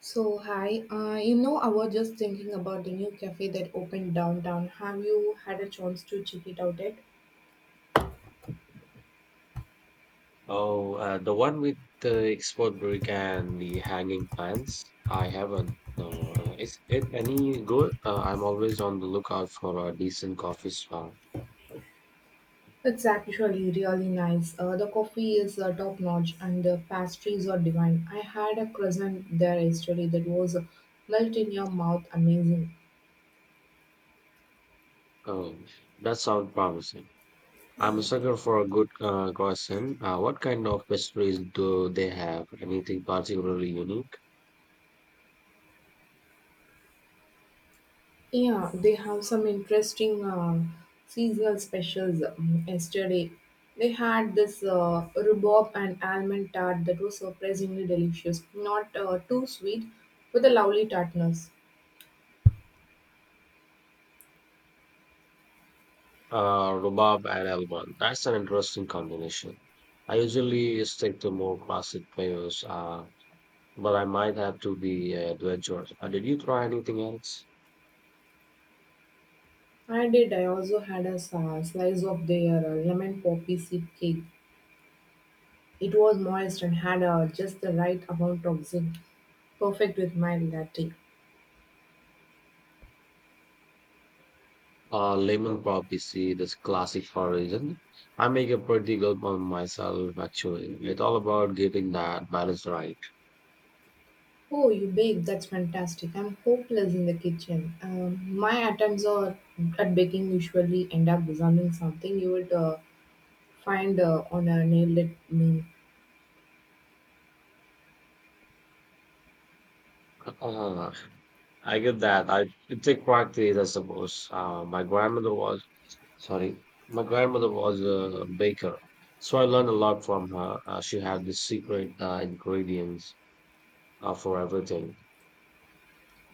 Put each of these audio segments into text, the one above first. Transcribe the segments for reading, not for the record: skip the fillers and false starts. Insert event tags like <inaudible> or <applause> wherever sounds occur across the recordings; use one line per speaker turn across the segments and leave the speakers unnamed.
So, hi. I was just thinking about the new cafe that opened downtown. Have you had a chance to check it out yet?
Oh, the one with the export brick and the hanging plants. I haven't. No, is it any good? I'm always on the lookout for a decent coffee spot.
It's actually really nice. The coffee is top notch and the pastries are divine. I had a croissant there yesterday that was melt in your mouth amazing.
Oh, that sounds promising. I'm a sucker for a good croissant. What kind of pastries do they have? Anything particularly unique?
Yeah, they have some interesting seasonal specials. Yesterday, they had this rhubarb and almond tart that was surprisingly delicious. Not too sweet, with a lovely tartness.
Rhubarb and almond. That's an interesting combination. I usually stick to more classic flavors. But I might have to be adventurous. Did you try anything else?
I did. I also had a slice of their lemon poppy seed cake. It was moist and had just the right amount of zinc, perfect with my latte.
Lemon poppy seed this classic origin. I make a pretty good one myself, actually. It's all about getting that balance right.
Oh, you bake? That's fantastic. I'm hopeless in the kitchen. My attempts are at baking usually end up resembling something you would find on a nailed it menu.
Uh, I get that. I it take practice, I suppose. My grandmother was, sorry, my grandmother was a baker, so I learned a lot from her. She had the secret ingredients for everything.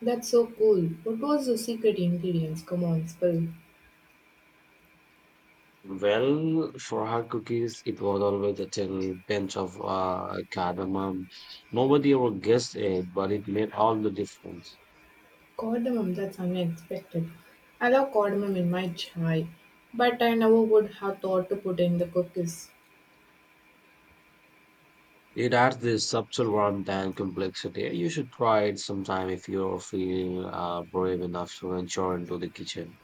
That's so cool. What was the secret ingredients? Come on, spill.
Well, for her cookies, it was always a tiny pinch of cardamom. Nobody ever guessed it, but it made all the difference.
Cardamom, that's unexpected. I love cardamom in my chai, but I never would have thought to put in the cookies.
It adds this subtle warmth and complexity. You should try it sometime if you're feeling brave enough to venture into the kitchen.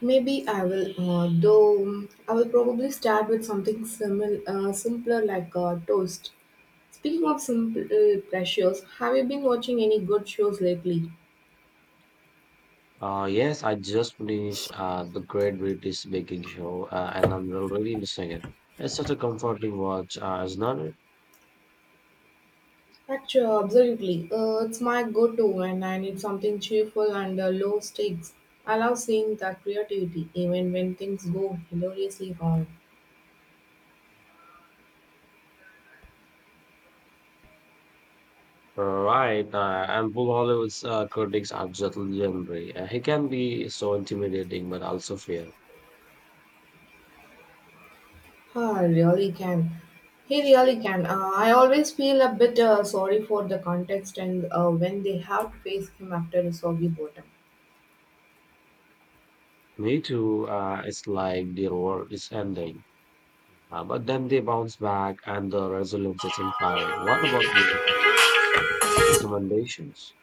Maybe I will, though I will probably start with something simpler like toast. Speaking of simple pleasures, have you been watching any good shows lately?
Yes, I just finished the Great British Baking Show, and I'm already missing it. It's such a comforting watch, isn't it?
Actually, absolutely. It's my go-to when I need something cheerful and low stakes. I love seeing that creativity, even when things go hilariously wrong.
Right, and Paul Hollywood's critics are just legendary. He can be so intimidating, but also fair.
Ah, really can. He really can. I always feel a bit sorry for the context and when they have to face him after a soggy bottom.
Me too. It's like the world is ending, but then they bounce back, and the resilience is inspiring. What about you? Recommendations?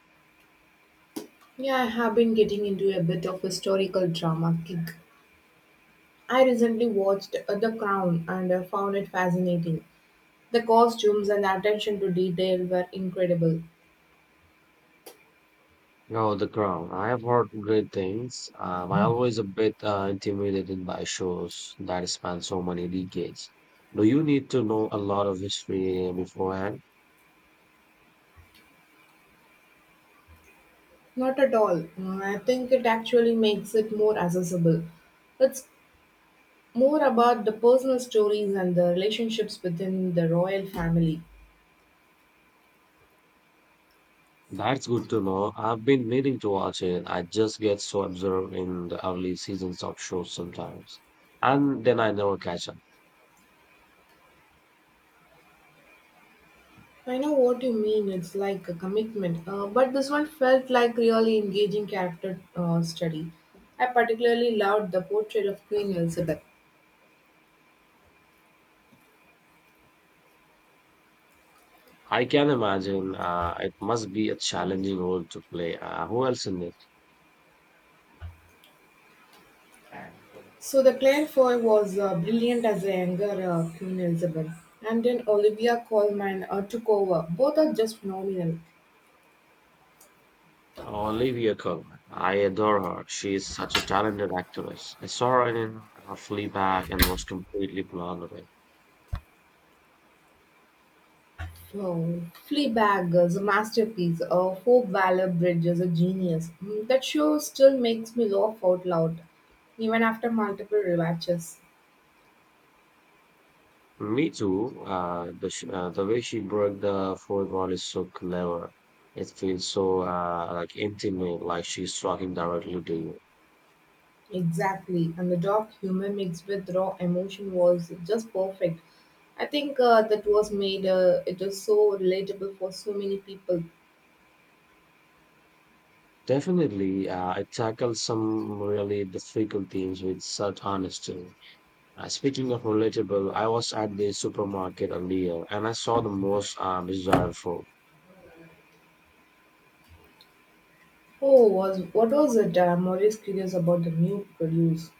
Yeah, I have been getting into a bit of historical drama kick. I recently watched The Crown and found it fascinating. The costumes and attention to detail were incredible.
Oh, The Crown. I have heard great things. I always a bit intimidated by shows that span so many decades. Do you need to know a lot of history beforehand?
Not at all. Mm, I think it actually makes it more accessible. It's more about the personal stories and the relationships within the royal family.
That's good to know. I've been meaning to watch it. I just get so absorbed in the early seasons of shows sometimes. And then I never catch up.
I know what you mean, it's like a commitment, but this one felt like really engaging character study. I particularly loved the portrait of Queen Elizabeth.
I can imagine it must be a challenging role to play. Who else in it?
So the Claire Foy was brilliant as a younger Queen Elizabeth, and then Olivia Colman took over. Both are just phenomenal.
Olivia Colman. I adore her. She is such a talented actress. I saw her in Fleabag and was completely blown away.
So, Fleabag is a masterpiece. Hope Valor Bridge is a genius. Mm, that show still makes me laugh out loud, even after multiple rewatches.
Me too. The way she broke the fourth wall is so clever. It feels so like intimate, like she's talking directly to you.
Exactly, and the dark humor mixed with raw emotion was just perfect. I think that was made. It was so relatable for so many people.
Definitely, it tackles some really difficult themes with such honesty. Speaking of relatable, I was at the supermarket earlier and I saw the most bizarre food.
Oh, was what was it? I'm always curious about the new produce.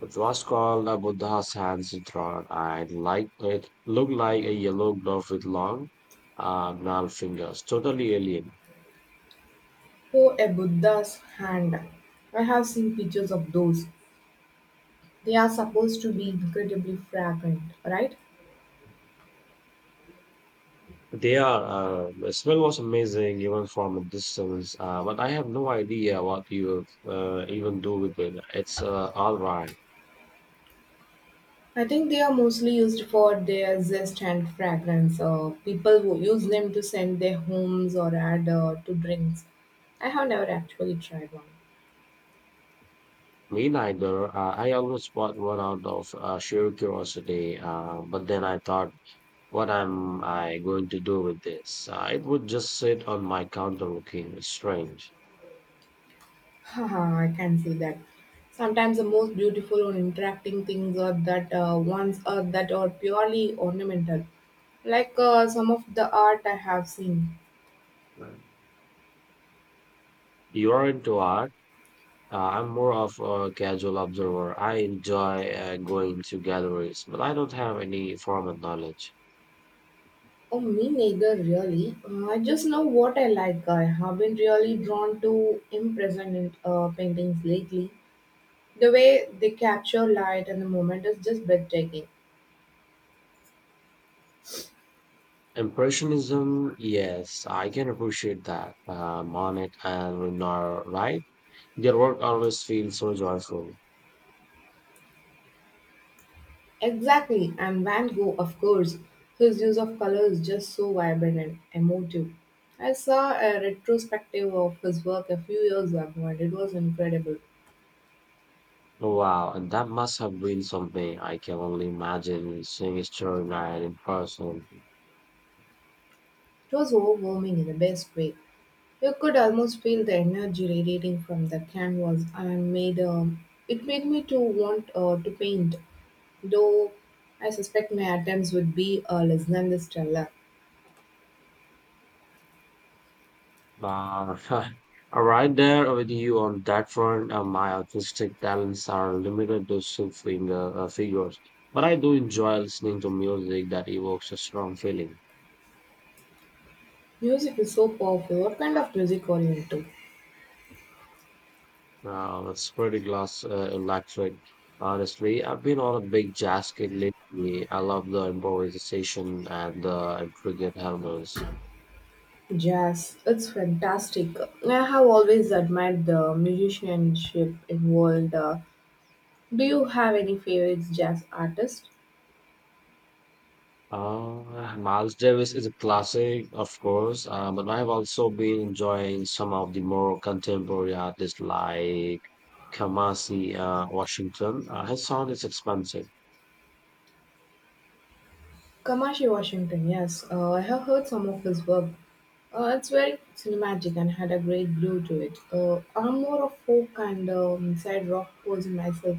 It was called the Buddha's hands rod. I liked it. Looked like a yellow glove with long, gnarled fingers. Totally alien.
Oh, a Buddha's hand. I have seen pictures of those. They are supposed to be incredibly fragrant, right?
They are, the smell was amazing even from a distance, but I have no idea what you even do with it. It's all right.
I think they are mostly used for their zest and fragrance. People who use them to scent their homes or add to drinks. I have never actually tried one.
Me neither. I almost bought one out of sheer curiosity, but then I thought, what am I going to do with this? It would just sit on my counter looking strange.
<laughs> Haha, I can see that. Sometimes the most beautiful or interacting things are that ones are that are purely ornamental, like some of the art I have seen.
Right. You are into art. I'm more of a casual observer. I enjoy going to galleries, but I don't have any formal knowledge.
Oh, me neither, really. I just know what I like. I have been really drawn to impressionist paintings lately. The way they capture light and the moment is just breathtaking.
Impressionism, yes, I can appreciate that. Monet and Renoir, right? Their work always feels so joyful.
Exactly, and Van Gogh, of course, his use of color is just so vibrant and emotive. I saw a retrospective of his work a few years ago and it was incredible.
Wow, and that must have been something. I can only imagine seeing a story night in person.
It was overwhelming in the best way. You could almost feel the energy radiating from the canvas and made it made me to want to paint, though I suspect my attempts would be less than the stellar.
But I <laughs> right there with you on that front. My artistic talents are limited to stick finger figures, but I do enjoy listening to music that evokes a strong feeling.
Music is so powerful. What kind of music are you into?
That's pretty glass electric. Honestly, I've been on a big jazz kick lately. I love the improvisation and the intricate harmonies.
Jazz, it's fantastic. I have always admired the musicianship involved. Do you have any favorite jazz artist?
Miles Davis is a classic, of course, but I've also been enjoying some of the more contemporary artists like Kamasi Washington. His sound is expansive.
Kamashi Washington, yes. I have heard some of his work. It's very cinematic and had a great glow to it. I'm more of folk and side rock person myself.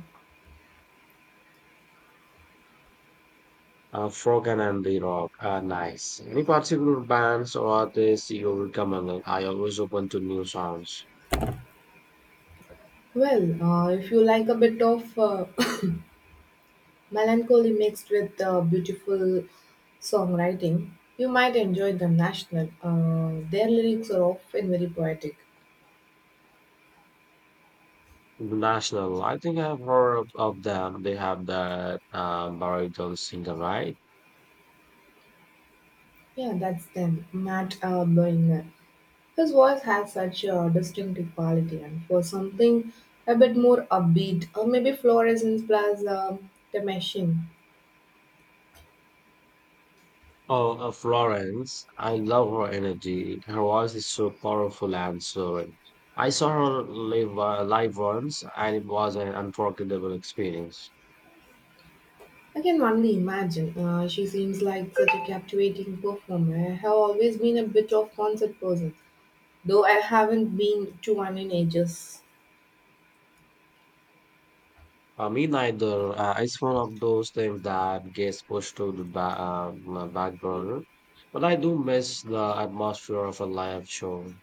Folk and Andy rock. Nice. Any particular bands or artists you recommend? I always open to new sounds.
Well, if you like a bit of melancholy mixed with beautiful songwriting. You might enjoy the national. Their lyrics are often very poetic.
The National, I think I've heard of them. They have that baritone singer, right?
Yeah, that's them. Matt Boehner. His voice has such a distinctive quality, and for something a bit more upbeat, or maybe Florescence plus the machine.
Oh, Florence. I love her energy. Her voice is so powerful and soaring. I saw her live, once, and it was an unforgettable experience.
I can only imagine. She seems like such a captivating performer. I have always been a bit of concert person, though I haven't been to one in ages.
For me, neither. It's one of those things that gets pushed to the my back burner. But I do miss the atmosphere of a live show.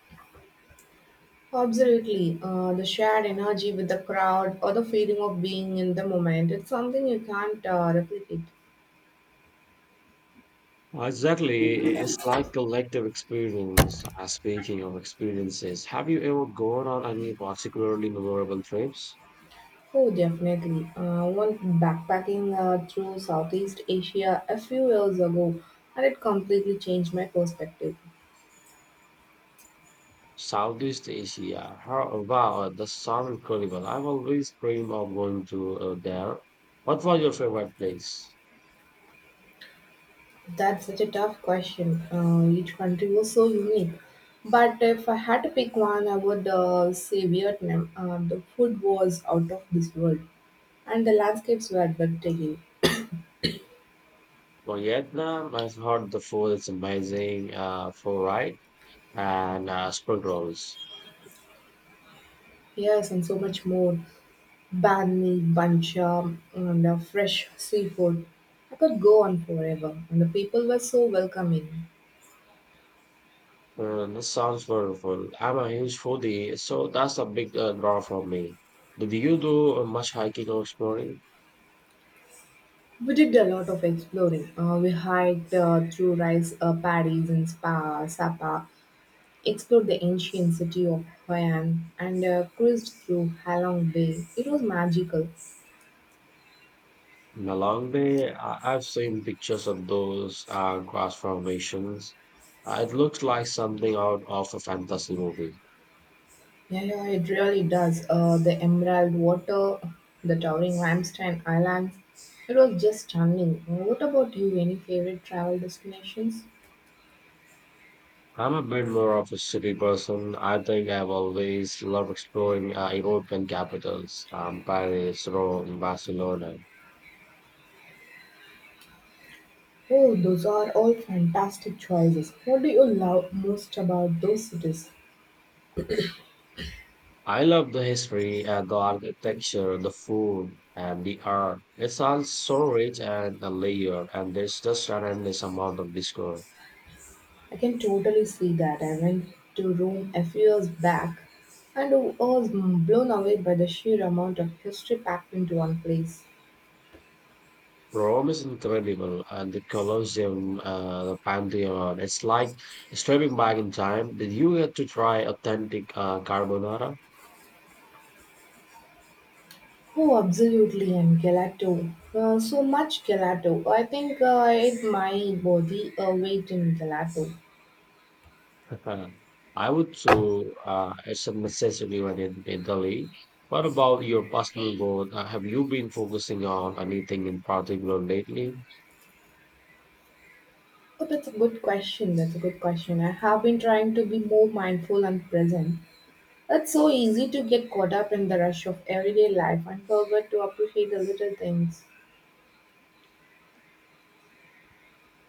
Absolutely. The shared energy with the crowd or the feeling of being in the moment, it's something you can't replicate.
Well, exactly. It's like collective experience. Speaking of experiences, have you ever gone on any particularly memorable trips?
Oh, definitely. I went backpacking through Southeast Asia a few years ago and it completely changed my perspective.
Southeast Asia. Wow, that sounds incredible. I've always dreamed of going to there. What was your favorite place?
That's such a tough question. Each country was so unique. But if I had to pick one, I would say Vietnam. The food was out of this world and the landscapes were breathtaking.
Well, Vietnam. I've heard the food is amazing. For right and spring rolls.
Yes, and so much more. Banh Mi, bancha, and fresh seafood. I could go on forever, and the people were so welcoming.
This sounds wonderful. I'm a huge foodie, so that's a big draw for me. Did you do much hiking or exploring?
We did a lot of exploring. We hiked through rice paddies and Sapa, explored the ancient city of Hoi An, and cruised through Halong Bay. It was magical.
In a long day, I've seen pictures of those grass formations. It looks like something out of a fantasy movie.
Yeah, yeah, it really does. The emerald water, the towering limestone islands. It was just stunning. What about you? Any favorite travel destinations?
I'm a bit more of a city person. I think I've always loved exploring European capitals, Paris, Rome, Barcelona.
Oh, those are all fantastic choices. What do you love most about those cities?
I love the history, and the architecture, the food, and the art. It's all so rich and layered, and there's just an endless amount of discovery.
I can totally see that. I went to Rome a few years back and was blown away by the sheer amount of history packed into one place.
Rome is incredible, and the Colosseum, the Pantheon. It's like stepping back in time. Did you get to try authentic carbonara?
Oh, absolutely, and gelato. So much gelato. I think I ate my body weight in gelato.
<laughs> I would too. It's a necessity when in Italy. What about your personal goal? Have you been focusing on anything in particular lately?
Oh, that's a good question. That's a good question. I have been trying to be more mindful and present. It's so easy to get caught up in the rush of everyday life and forget to appreciate the little things.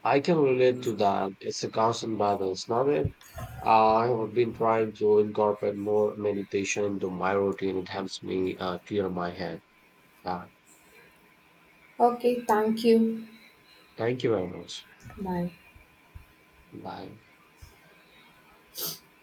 I can relate to that. It's a constant balance, not it? I have been trying to incorporate more meditation into my routine. It helps me clear my head. Uh,
Okay, thank you.
thank you very much.
Bye.
Bye.